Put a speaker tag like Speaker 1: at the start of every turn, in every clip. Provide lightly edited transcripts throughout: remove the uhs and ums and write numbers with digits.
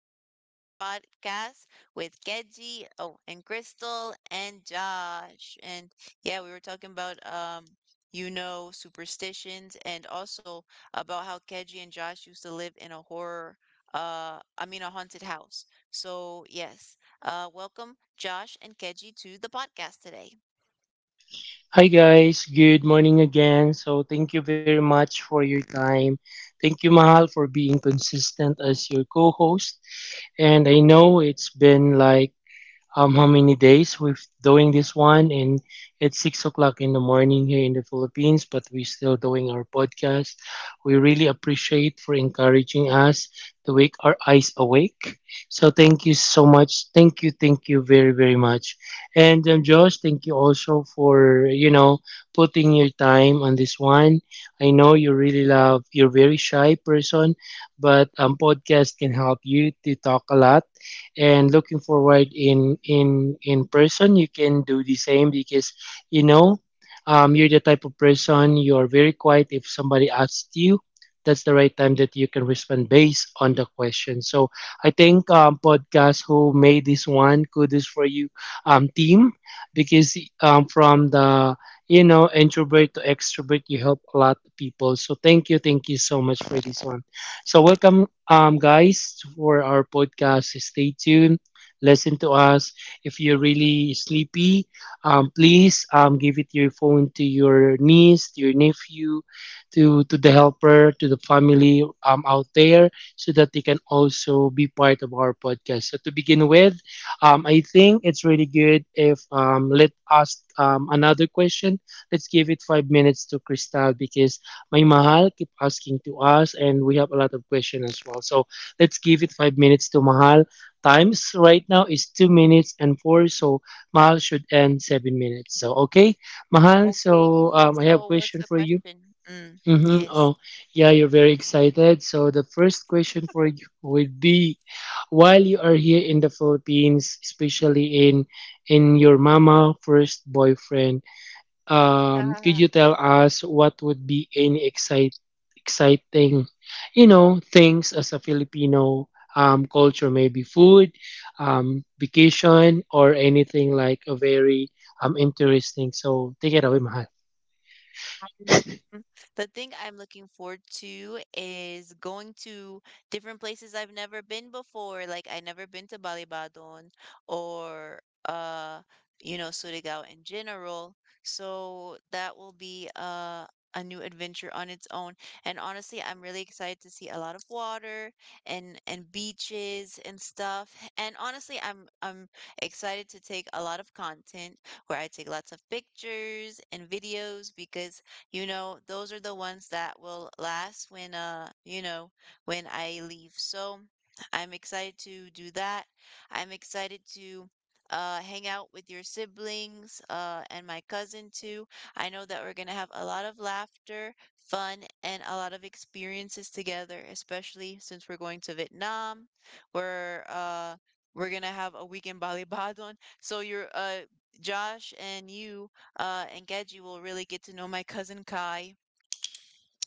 Speaker 1: to another podcast with Geji, oh, and Crystal and Josh. And yeah, we were talking about you know, superstitions, and also about how Geji and Josh used to live in a horror, I mean, a haunted house. So yes, welcome Josh and Geji to the podcast today.
Speaker 2: Hi guys, good morning again. So thank you very much for your time. Thank you Mahal for being consistent as your co-host. And I know it's been like how many days we've doing this one, and it's 6 o'clock in the morning here in the Philippines, but we're still doing our podcast. We really appreciate for encouraging us to wake our eyes awake. So thank you so much, thank you, thank you very very much. And Josh, thank you also for putting your time on this one. I know you really love, you're a very shy person, but podcast can help you to talk a lot. And looking forward in person you can do the same because you know you're the type of person, you are very quiet. If somebody asks you, that's the right time that you can respond based on the question. So I think, podcast, who made this one, kudos for you, team, because from the introvert to extrovert, you help a lot of people. So thank you, thank you so much for this one. So welcome, guys, for our podcast. Stay tuned. Listen to us. If you're really sleepy, please give it your phone to your niece, to your nephew, to the helper, to the family out there, so that they can also be part of our podcast. So to begin with, I think it's really good if let us, another question. Let's give it 5 minutes to Crystal because my Mahal, keep asking to us, and we have a lot of questions as well. So let's give it 5 minutes to Mahal. Times right now is 2 minutes and four, so Mahal should end 7 minutes. So okay, Mahal. So
Speaker 1: Okay,
Speaker 2: I have a
Speaker 1: so what's
Speaker 2: question
Speaker 1: the
Speaker 2: for you.
Speaker 1: question? Mm,
Speaker 2: Mm-hmm.
Speaker 1: yes.
Speaker 2: Oh, yeah, you're very excited. So the first question for you would be, while you are here in the Philippines, especially in your mama first boyfriend, could you tell us what would be any excite, exciting, you know, things as a Filipino culture? Maybe food, vacation, or anything like a very interesting. So take it away, Mahal.
Speaker 1: Mm, the thing I'm looking forward to is going to different places I've never been before. Like I never been to Balibadon or uh you know Surigao in general. So that will be a new adventure on its own. And honestly, I'm really excited to see a lot of water and beaches and stuff. And honestly, I'm excited to take a lot of content where I take lots of pictures and videos because you know, those are the ones that will last when you know, when I leave. So, I'm excited to do that. I'm excited to hang out with your siblings and my cousin too. I know that we're going to have a lot of laughter, fun, and a lot of experiences together, especially since we're going to Vietnam. We're uh we're going to have a week in Bali Badon. So you're Josh and you and Gedji will really get to know my cousin Kai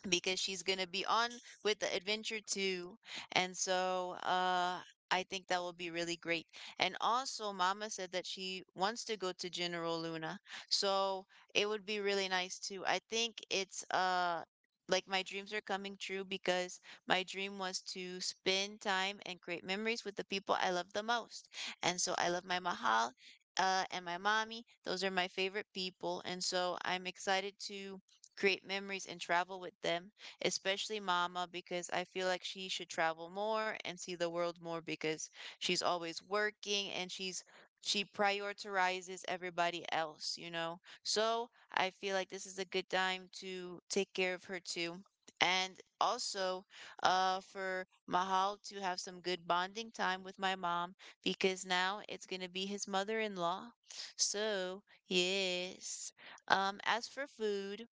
Speaker 1: because she's gonna be on with the adventure too. And so I think that will be really great. And also Mama said that she wants to go to General Luna. So it would be really nice too. I think it's like my dreams are coming true because my dream was to spend time and create memories with the people I love the most. And so I love my Mahal and my mommy. Those are my favorite people. And so I'm excited to create memories and travel with them, especially mama, because I feel like she should travel more and see the world more because she's always working and she prioritizes everybody else, you know. So I feel like this is a good time to take care of her too. And also, for Mahal to have some good bonding time with my mom because now it's gonna be his mother-in-law. So yes. As for food,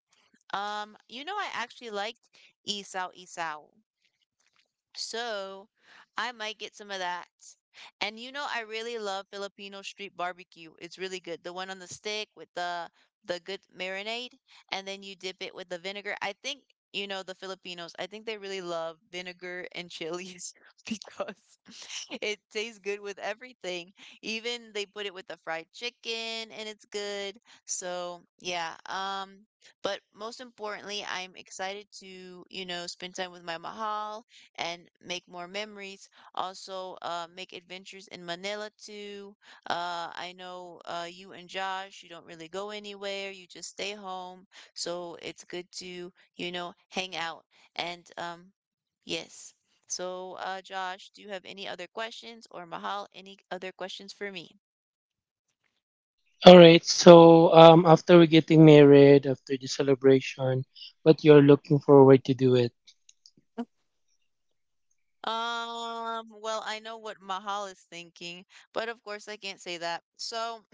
Speaker 1: you know, I actually liked Isao Isao. So I might get some of that. And you know, I really love Filipino street barbecue. It's really good. The one on the stick with the good marinade, and then you dip it with the vinegar. I think you know the Filipinos. I think they really love vinegar and chilies because it tastes good with everything. Even they put it with the fried chicken, and it's good. So yeah. But most importantly, I'm excited to you know spend time with my mahal and make more memories. Also, make adventures in Manila too. I know you and Josh, you don't really go anywhere, you just stay home. So it's good to, you know, hang out. And yes. So, Josh, do you have any other questions or Mahal, any other questions for me?
Speaker 2: All right. So after we're getting married, after the celebration, what you're looking forward to do it?
Speaker 1: Well, I know what Mahal is thinking, but of course I can't say that. So,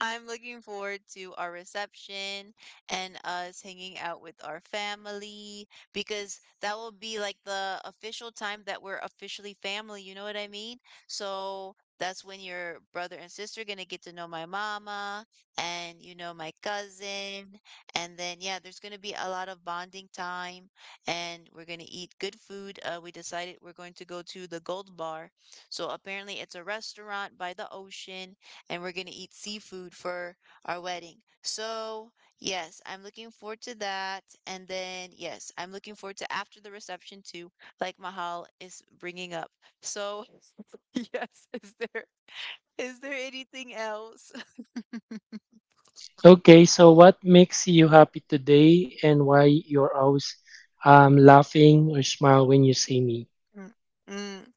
Speaker 1: I'm looking forward to our reception and us hanging out with our family because that will be like the official time that we're officially family, you know what I mean? So that's when your brother and sister are gonna get to know my mama and you know my cousin. And then yeah, there's gonna be a lot of bonding time and we're gonna eat good food. We decided we're going to go to the Gold Bar. So apparently it's a restaurant by the ocean and we're going to eat seafood for our wedding. So, yes, I'm looking forward to that. And then, yes, I'm looking forward to after the reception too, like Mahal is bringing up. So, yes, is there anything else?
Speaker 2: Okay, so what makes you happy today and why you're always laughing or smile when you see me?
Speaker 1: Mm,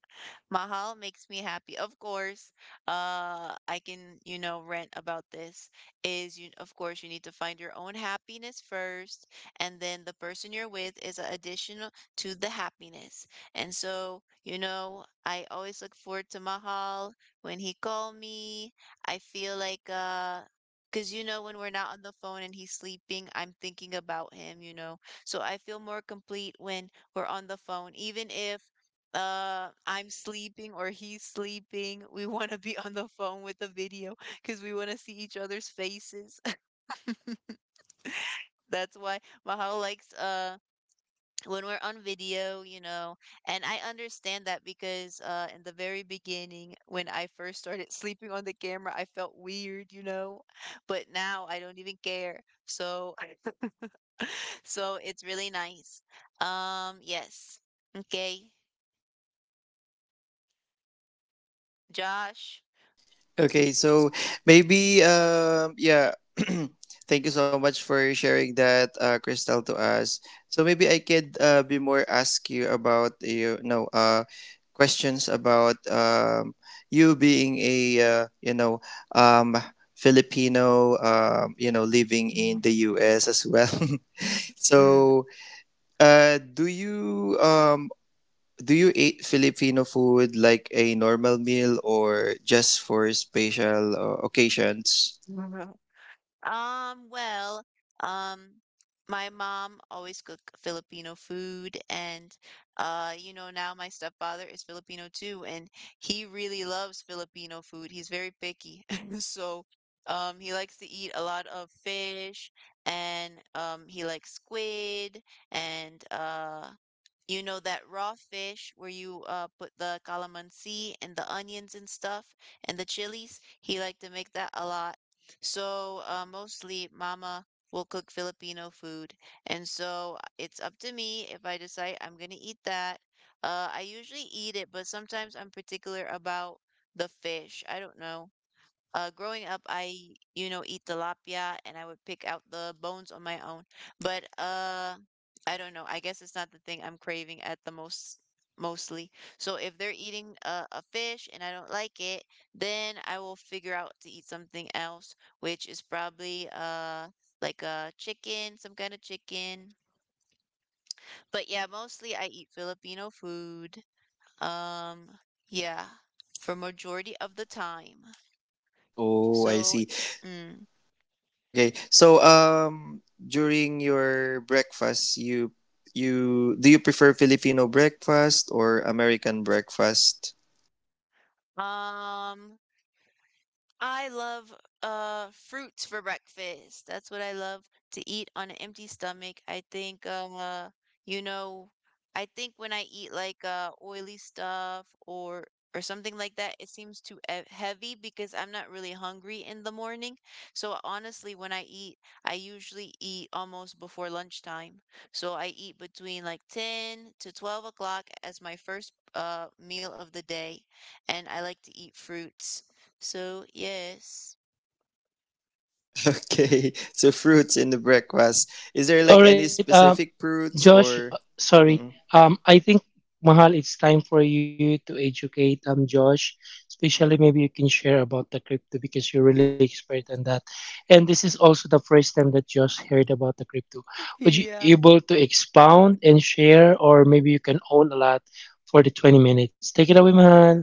Speaker 1: Mahal makes me happy. Of course, I can, you know, rant about this. Is you, of course, you need to find your own happiness first, and then the person you're with is a additional to the happiness. And so, you know, I always look forward to Mahal when he call me. I feel like, because you know, when we're not on the phone and he's sleeping, I'm thinking about him, you know. So I feel more complete when we're on the phone, even if I'm sleeping or he's sleeping. We want to be on the phone with the video because we want to see each other's faces. That's why Mahal likes when we're on video, you know. And I understand that because in the very beginning when I first started sleeping on the camera, I felt weird, you know. But now I don't even care. So so it's really nice. Yes. Okay. Josh.
Speaker 3: Okay, so maybe thank you so much for sharing that, Crystal, to us. So maybe I could be more ask you about questions about you being a um Filipino living in the U.S. as well.
Speaker 1: Mm.
Speaker 3: So do you do you eat Filipino food like a normal meal or just for special occasions?
Speaker 1: Well, um, my mom always cooked Filipino food, and you know, now my stepfather is Filipino too, and he really loves Filipino food. He's very picky, so he likes to eat a lot of fish, and he likes squid, and you know that raw fish where you put the calamansi and the onions and stuff and the chilies? He liked to make that a lot. So mostly mama will cook Filipino food. And so it's up to me if I decide I'm gonna eat that. I usually eat it, but sometimes I'm particular about the fish. I don't know. Growing up, I, you know, eat tilapia and I would pick out the bones on my own. But I don't know. I guess it's not the thing I'm craving at the most, mostly. So if they're eating a fish and I don't like it, then I will figure out to eat something else, which is probably like a chicken, some kind of chicken. But yeah, mostly I eat Filipino food. Um, yeah, for majority of the time.
Speaker 3: Oh, I
Speaker 1: So,
Speaker 3: see.
Speaker 1: mm.
Speaker 3: Okay. So, during your breakfast, you do you prefer Filipino breakfast or American breakfast?
Speaker 1: Um, I love fruits for breakfast. That's what I love to eat on an empty stomach. I think you know, I think when I eat like oily stuff or something like that, it seems too heavy because I'm not really hungry in the morning. So honestly, when I eat, I usually eat almost before lunchtime. So I eat between like 10 to 12 o'clock as my first meal of the day, and I like to eat fruits. So, yes.
Speaker 3: Okay. So fruits in the breakfast. Is there like any
Speaker 2: All right,
Speaker 3: specific fruits
Speaker 2: Josh,
Speaker 3: or
Speaker 2: sorry.
Speaker 3: mm-mm.
Speaker 2: I think, Mahal, it's time for you to educate Josh, especially maybe you can share about the crypto because you're really expert on that. And this is also the first time that Josh heard about the crypto. Would you
Speaker 1: Yeah.
Speaker 2: able to expound and share, or maybe you can own a lot for the 20 minutes? Take it away, Mahal.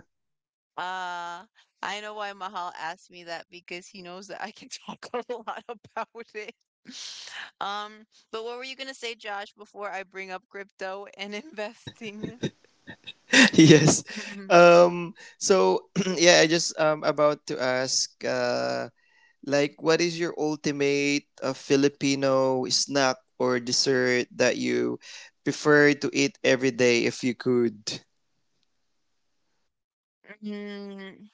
Speaker 1: Uh, I know why Mahal asked me that because he knows that I can talk a lot about it. Um, but what were you gonna say, Josh, before I bring up crypto and investing?
Speaker 3: Yes. So yeah, I just about to ask like, what is your ultimate Filipino snack or dessert that you prefer to eat every day if you could?
Speaker 1: Mm,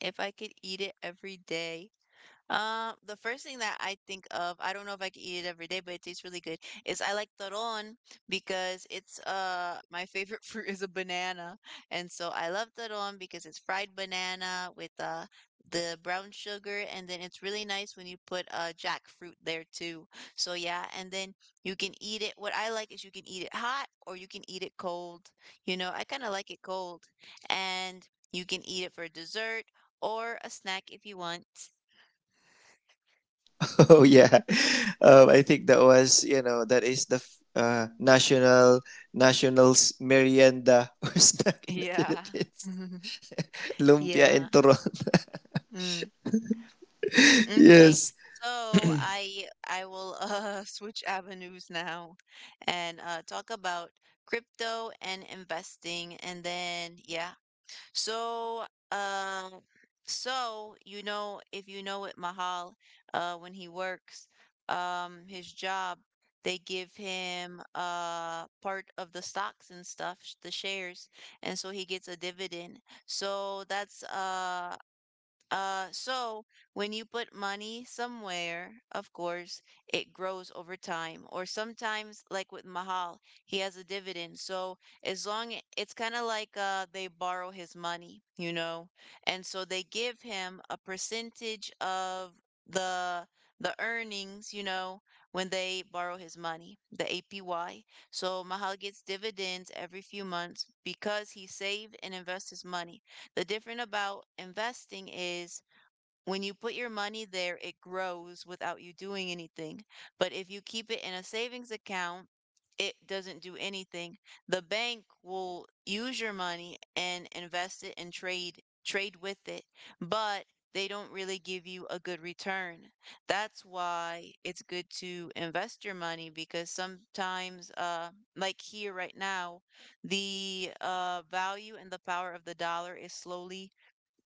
Speaker 1: if I could eat it every day, um, the first thing that I think of, I don't know if I can eat it every day, but it tastes really good, is I like taron because it's my favorite fruit is a banana. And so I love taron because it's fried banana with the brown sugar and then it's really nice when you put jackfruit there too. So yeah, and then you can eat it. What I like is you can eat it hot or you can eat it cold. You know, I kind of like it cold. And you can eat it for a dessert or a snack if you want.
Speaker 3: Oh, yeah. I think that was, you know, that is the national, national's merienda or snack in the
Speaker 1: Yeah.
Speaker 3: Philippines. Lumpia
Speaker 1: Yeah.
Speaker 3: and turon.
Speaker 1: Mm. Okay.
Speaker 3: Yes.
Speaker 1: So I will switch avenues now and talk about crypto and investing and then yeah, so, um, so you know, if you know it, Mahal, when he works, his job, they give him part of the stocks and stuff, the shares, and so he gets a dividend. So that's so when you put money somewhere, of course, it grows over time. Or sometimes, like with Mahal, he has a dividend. So it's kind of like they borrow his money, you know, and so they give him a percentage of the the earnings, you know, when they borrow his money, the APY. So Mahal gets dividends every few months because he saved and invests his money. The different about investing is when you put your money there, it grows without you doing anything. But if you keep it in a savings account, it doesn't do anything. The bank will use your money and invest it and trade with it, but they don't really give you a good return. That's why it's good to invest your money because sometimes like here right now, the value and the power of the dollar is slowly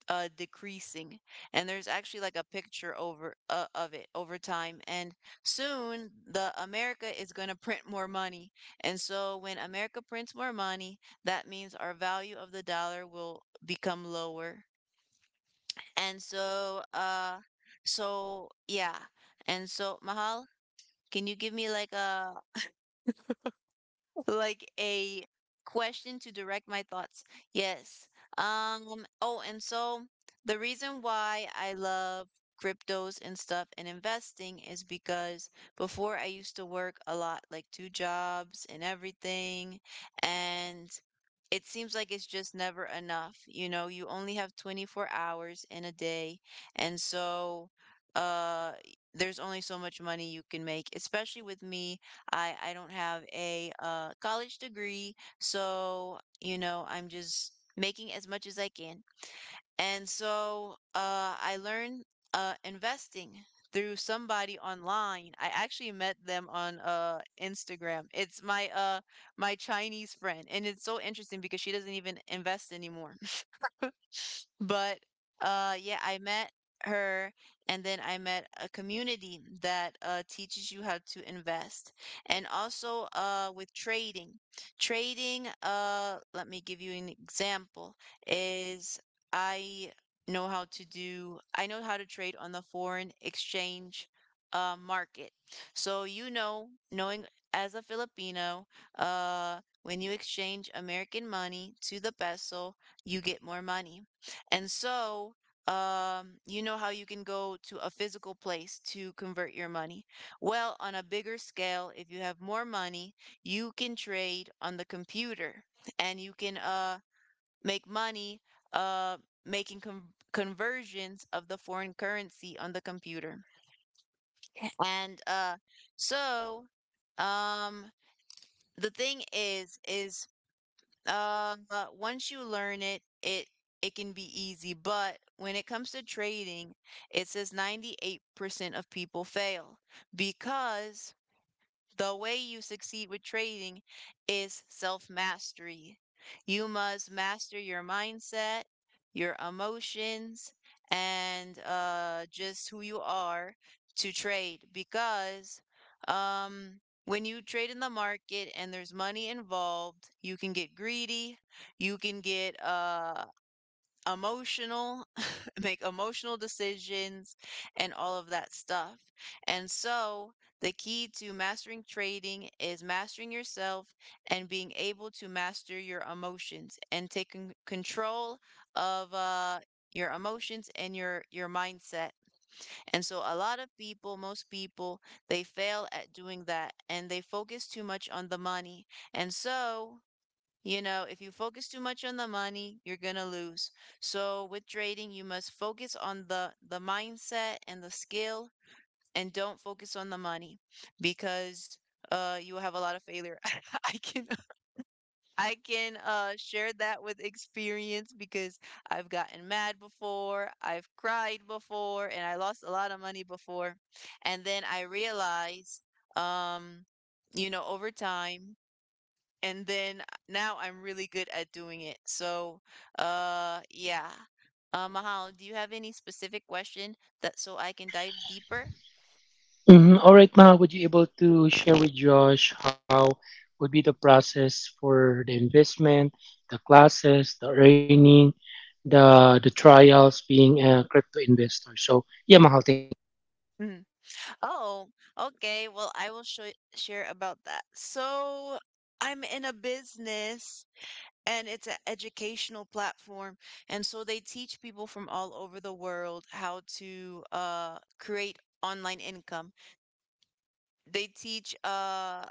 Speaker 1: decreasing, and there's actually like a picture over of it over time. And soon the america is going to print more money, and so when america prints more money that means our value of the dollar will become lower. And so uh so yeah and so mahal, can you give me like a, like a question to direct my thoughts? Yes. Oh, and so the reason why I love cryptos and stuff and investing is because before I used to work a lot, like 2 jobs and everything, and it seems like it's just never enough. You know, you only have 24 hours in a day, and so uh there's only so much money you can make, especially with me. I don't have a college degree, so you know I'm just making as much as I can. And so I learned investing through somebody online. I actually met them on Instagram. It's my my Chinese friend, and it's so interesting because she doesn't even invest anymore. But yeah, I met her, and then I met a community that teaches you how to invest, and also with trading. Trading, let me give you an example, is I know how to do, I know how to trade on the foreign exchange market. So, you know, knowing as a Filipino, when you exchange American money to the peso, you get more money. And so, you know how you can go to a physical place to convert your money. Well, on a bigger scale, if you have more money, you can trade on the computer and you can make money, uh, making conversions of the foreign currency on the computer. And so um, the thing is once you learn it, it can be easy. But when it comes to trading, it says 98% of people fail because the way you succeed with trading is self mastery. You must master your mindset, your emotions, and just who you are to trade because when you trade in the market and there's money involved, you can get greedy, you can get emotional, make emotional decisions, and all of that stuff. And so, the key to mastering trading is mastering yourself and being able to master your emotions and taking control of your emotions and your mindset. And so a lot of people, most people, they fail at doing that and they focus too much on the money. And so, you know, if you focus too much on the money, you're going to lose. So with trading, you must focus on the mindset and the skill and don't focus on the money because you will have a lot of failure. I can I can share that with experience because I've gotten mad before, I've cried before, and I lost a lot of money before. And then I realized, um you know, over time, and then now I'm really good at doing it. So, yeah. Mahal, do you have any specific question that so I can dive deeper?
Speaker 2: Mhm. All right, Mahal, would you able to share with Josh how would be the process for the investment, the classes, the earning, the trials being a crypto investor? So yeah, Mahal, thank you.
Speaker 1: Mhm. Oh, okay. Well, I will show share about that. So, I'm in a business and it's an educational platform, and so they teach people from all over the world how to create online income. They teach uh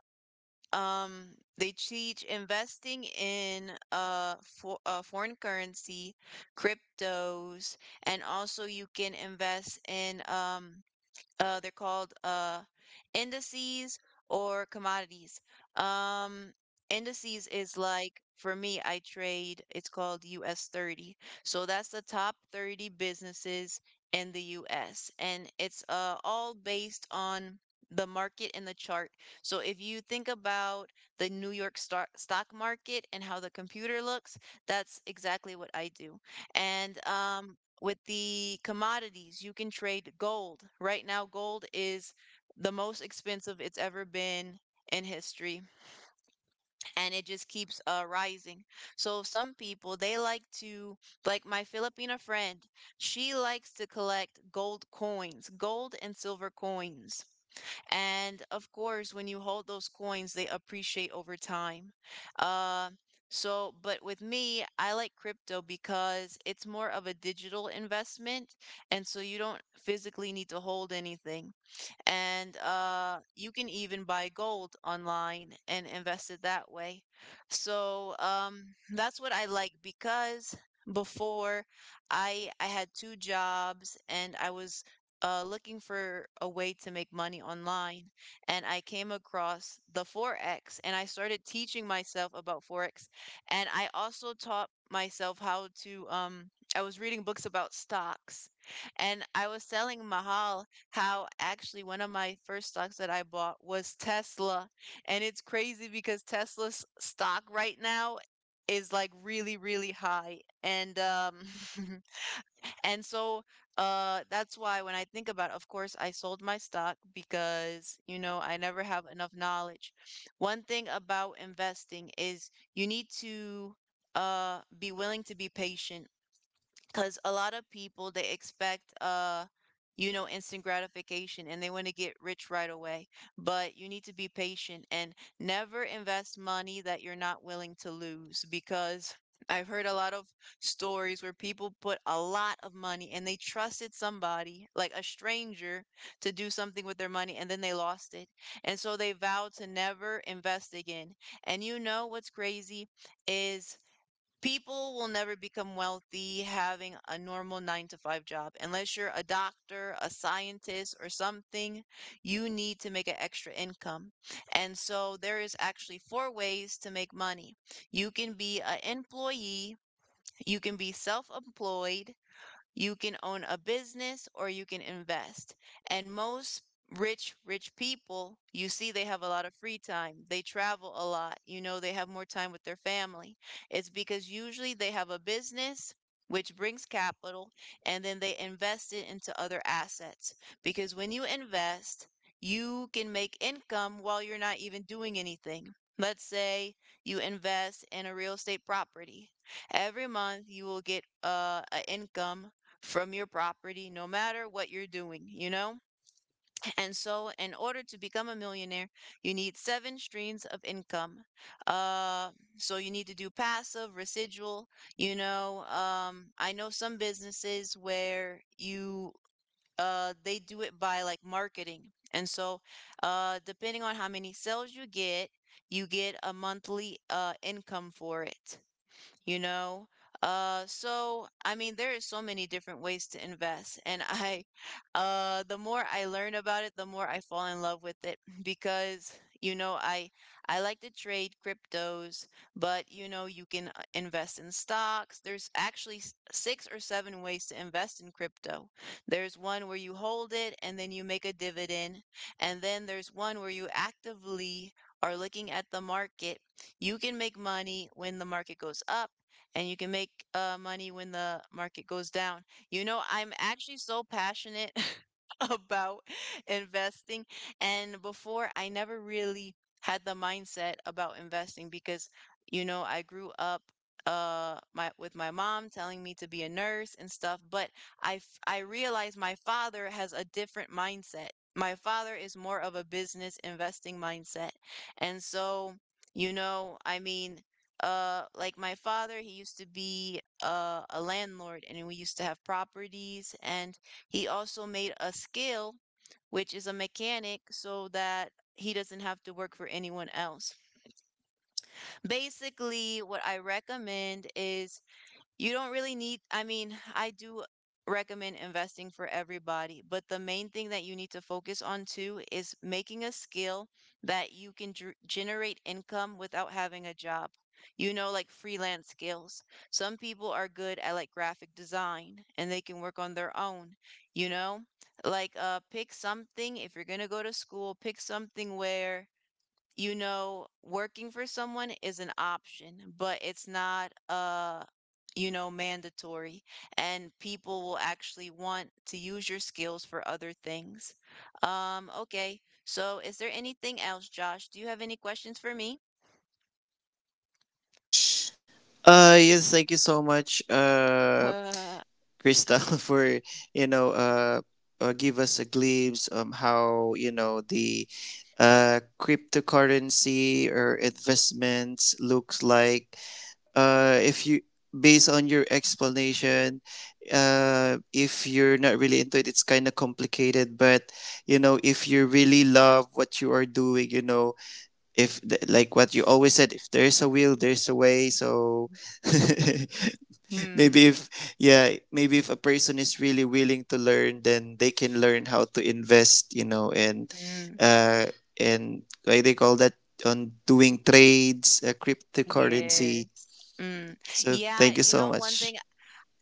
Speaker 1: Um, they teach investing in foreign currency, cryptos, and also you can invest in they're called indices or commodities. Um, Indices is like for me, I trade. It's called US 30. So that's the top 30 businesses in the US, and it's all based on the market and the chart. So if you think about the New York stock market and how the computer looks, that's exactly what I do. And with the commodities, you can trade gold. Right now, gold is the most expensive it's ever been in history and it just keeps rising. So some people they like to, like my Filipina friend, she likes to collect gold coins, gold and silver coins. And of course, when you hold those coins, they appreciate over time. Uh, so, but with me, I like crypto because it's more of a digital investment, and so you don't physically need to hold anything, and you can even buy gold online and invest it that way. So that's what I like because before I had 2 jobs and I was looking for a way to make money online, and I came across the forex, and I started teaching myself about forex, and I also taught myself how to. I was reading books about stocks, and I was telling Mahal how actually one of my first stocks that I bought was Tesla. And it's crazy because Tesla's stock right now is like really, really high. And and so that's why when I think about it, of course I sold my stock because you know I never have enough knowledge. One thing about investing is you need to be willing to be patient because a lot of people they expect you know instant gratification and they want to get rich right away, but you need to be patient, and never invest money that you're not willing to lose because I've heard a lot of stories where people put a lot of money and they trusted somebody, like a stranger, to do something with their money and then they lost it. And so they vowed to never invest again. And you know what's crazy is people will never become wealthy having a normal 9 to 5 job. Unless you're a doctor, a scientist, or something, you need to make an extra income. And so there is actually 4 ways to make money. You can be an employee, you can be self employed, you can own a business or you can invest. And most rich people, you see, they have a lot of free time. They travel a lot. You know, they have more time with their family. It's because usually they have a business, which brings capital, and then they invest it into other assets. Because when you invest, you can make income while you're not even doing anything. Let's say you invest in a real estate property. Every month you will get an income from your property, no matter what you're doing, you know? And so, in order to become a millionaire, you need 7 streams of income. Uh, so, you need to do passive, residual, you know? I know some businesses where you they do it by like marketing. And so, depending on how many sales you get a monthly income for it, you know? So I mean, there is so many different ways to invest, and the more I learn about it, the more I fall in love with it because you know I like to trade cryptos, but you know you can invest in stocks. There's actually 6 or 7 ways to invest in crypto. There's one where you hold it and then you make a dividend, and then there's one where you actively are looking at the market. You can make money when the market goes up and you can make money when the market goes down. You know, I'm actually so passionate about investing. And before, I never really had the mindset about investing because, you know, I grew up my with my mom telling me to be a nurse and stuff. But I realized my father has a different mindset. My father is more of a business investing mindset, and so, you know I mean, like my father, he used to be a landlord and we used to have properties, and he also made a skill, which is a mechanic, so that he doesn't have to work for anyone else. Basically what I recommend is you don't really need, I mean, I do recommend investing for everybody, but the main thing that you need to focus on too is making a skill that you can generate income without having a job. You know, like freelance skills. Some people are good at like graphic design and they can work on their own, you know? Like pick something. If you're going to go to school, pick something where, you know, working for someone is an option, but it's not you know, mandatory, and people will actually want to use your skills for other things. Okay. So, is there anything else, Josh? Do you have any questions for me?
Speaker 3: Yes, thank you so much,
Speaker 1: Uh,
Speaker 3: Crystal, for you know uh, give us a glimpse on how you know the cryptocurrency or investments looks like if you based on your explanation. If you're not really into it, it's kind of complicated, but you know, if you really love what you are doing, you know, if th- like what you always said, if there's a will, there's a way. So maybe
Speaker 1: hmm.
Speaker 3: if yeah, maybe if a person is really willing to learn, then they can learn how to invest, you know. And
Speaker 1: Hmm.
Speaker 3: uh and why they call that on doing trades,
Speaker 1: Yes.
Speaker 3: cryptocurrency.
Speaker 1: Mm.
Speaker 3: So
Speaker 1: Yeah,
Speaker 3: thank you
Speaker 1: you
Speaker 3: so
Speaker 1: know, one
Speaker 3: much.
Speaker 1: thing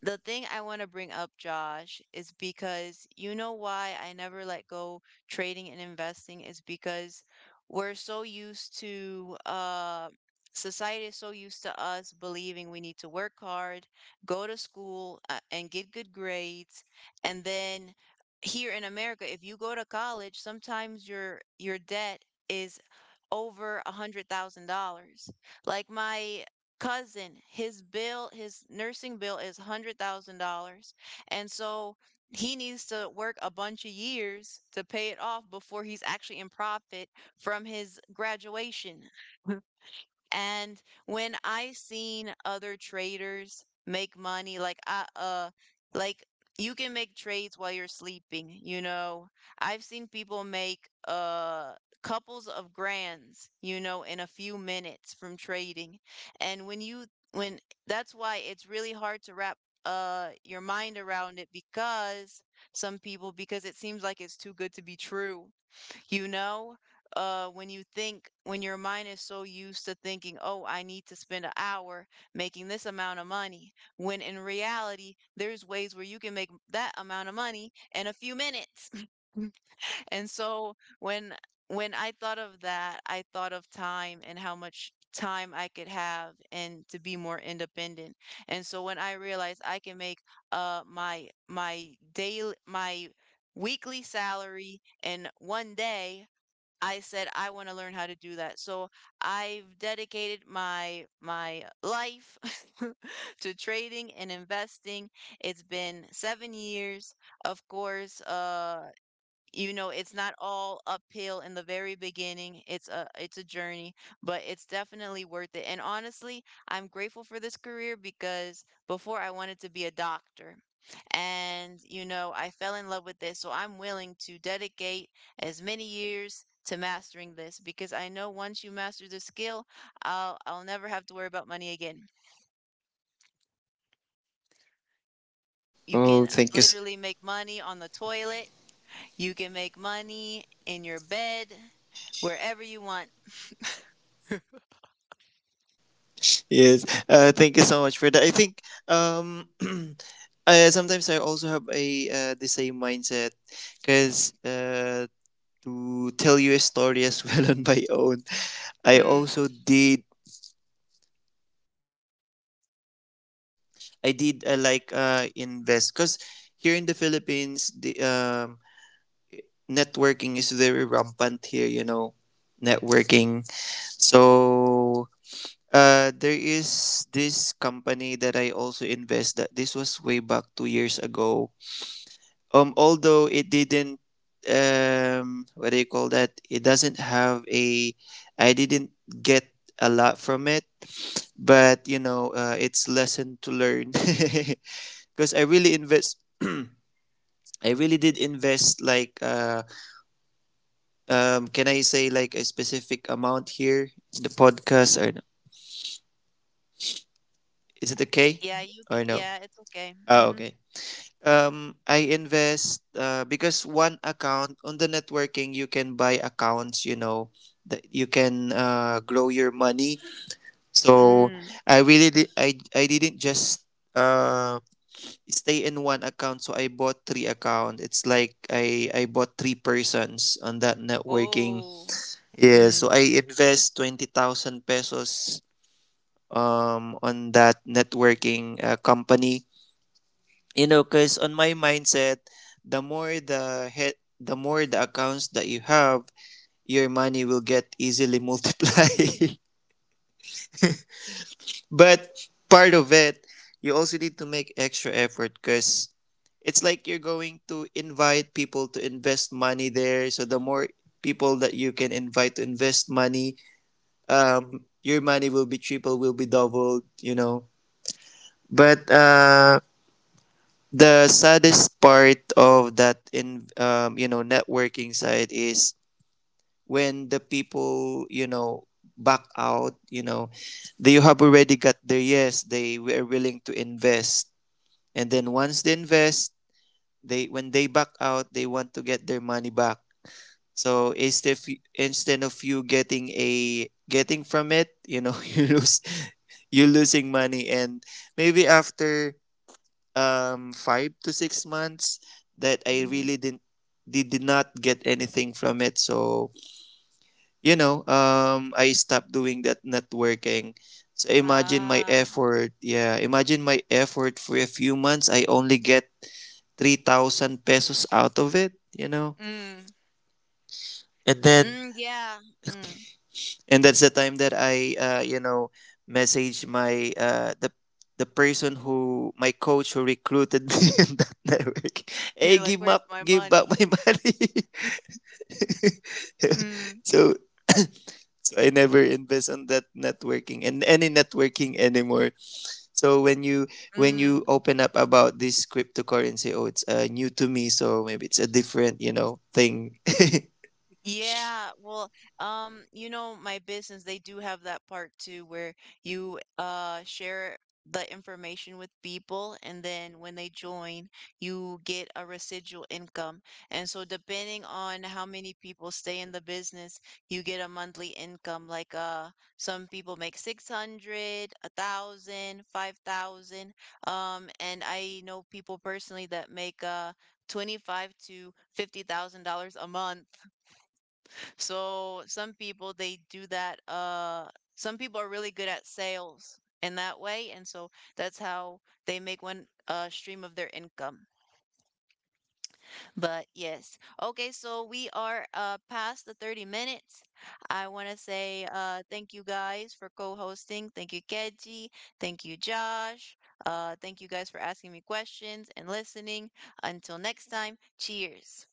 Speaker 1: The thing I want to bring up, Josh, is because you know why I never let go trading and investing is because we're so used to society is so used to us believing we need to work hard, go to school, and get good grades, and then here in America, if you go to college, sometimes your debt is over $100,000. Like my cousin, his bill, his nursing bill is $100,000, and so he needs to work a bunch of years to pay it off before he's actually in profit from his graduation. And when I seen other traders make money, like I like you can make trades while you're sleeping. You know. I've seen people make couples of grands, you know, in a few minutes from trading. And when you when that's why it's really hard to wrap your mind around it because some people because it seems like it's too good to be true. You know, when your mind is so used to thinking, oh, I need to spend an hour making this amount of money, when in reality, there's ways where you can make that amount of money in a few minutes. And so when when I thought of that, I thought of time and how much time I could have and to be more independent. And so when I realized I can make my daily my weekly salary in one day, I said, "I wanna learn how to do that." So, I've dedicated my life to trading and investing. It's been 7 years. Of course, you know it's not all uphill in the very beginning. It's a journey, but it's definitely worth it. And honestly, I'm grateful for this career because before I wanted to be a doctor, and you know I fell in love with this, so I'm willing to dedicate as many years to mastering this because I know once you master the skill, I'll never have to worry about money again. You can
Speaker 3: Oh, thank
Speaker 1: literally make money on the toilet. You can make money in your bed, wherever you want.
Speaker 3: yes, thank you so much for that. I think um sometimes I also have a the same mindset. Because To tell you a story as well, on my own, I
Speaker 1: Mm.
Speaker 3: also did, I did invest because here in the Philippines, the networking is very rampant here. You know, networking. So there is this company that I also invest. That this was way back 2 years ago. Although it didn't, what do you call that, it doesn't have a, I didn't get a lot from it, but you know, it's lesson to learn. Because I really invest I really did invest like can I say like a specific amount here in the podcast or no? Is it okay
Speaker 1: Yeah, you c
Speaker 3: or no?
Speaker 1: Yeah, it's okay.
Speaker 3: Oh,
Speaker 1: Mhm.
Speaker 3: okay. Um, I invest because one account on the networking, you can buy accounts, you know, that you can grow your money. So
Speaker 1: Mm.
Speaker 3: I really did, I didn't just uh stay in one account, so I bought three accounts. It's like I bought three persons on that networking.
Speaker 1: Oh.
Speaker 3: Yeah,
Speaker 1: Mm.
Speaker 3: so I invest 20,000 pesos on that networking company. You know, cuz on my mindset, the more the accounts that you have, your money will get easily multiply. But part of it, you also need to make extra effort cuz it's like you're going to invite people to invest money there. So the more people that you can invite to invest money, your money will be triple, will be doubled, you know. But the saddest part of that in, you know, networking side is when the people, you know, back out, you know, they have already got their yes, they were willing to invest, and then once they invest, they when they back out, they want to get their money back. So instead of you getting a getting from it, you know, you lose you losing money. And maybe after 5 to 6 months, that I
Speaker 1: Mhm.
Speaker 3: really didn't, did not get anything from it. So, you know, I stopped doing that networking. So imagine my
Speaker 1: Ah.
Speaker 3: effort. Yeah, imagine my effort for a few months. I only get 3,000 pesos out of it, you know.
Speaker 1: Mm.
Speaker 3: And then
Speaker 1: Mm, yeah. Mm.
Speaker 3: and that's the time that I, messaged my, the person, who my coach who recruited me, in that network. Hey,
Speaker 1: You're like,
Speaker 3: give
Speaker 1: "Where's
Speaker 3: up,
Speaker 1: my
Speaker 3: give back my
Speaker 1: money?"
Speaker 3: money.
Speaker 1: Mm.
Speaker 3: So, so I never invest on that networking and any networking anymore. So when you
Speaker 1: Mm.
Speaker 3: open up about this cryptocurrency, oh, it's, new to me. So maybe it's a different, you know, thing.
Speaker 1: Yeah, well, you know, my business, they do have that part too where you share the information with people, and then when they join, you get a residual income. And so depending on how many people stay in the business, you get a monthly income. Like some people make 600, a thousand, 5,000. And I know people personally that make 25 to $50,000 a month. So some people they do that. Some people are really good at sales in that way, and so that's how they make one stream of their income. But yes. Okay, so we are past the 30 minutes. I want to say thank you guys for co-hosting. Thank you Keji, thank you Josh. Thank you guys for asking me questions and listening. Until next time, cheers.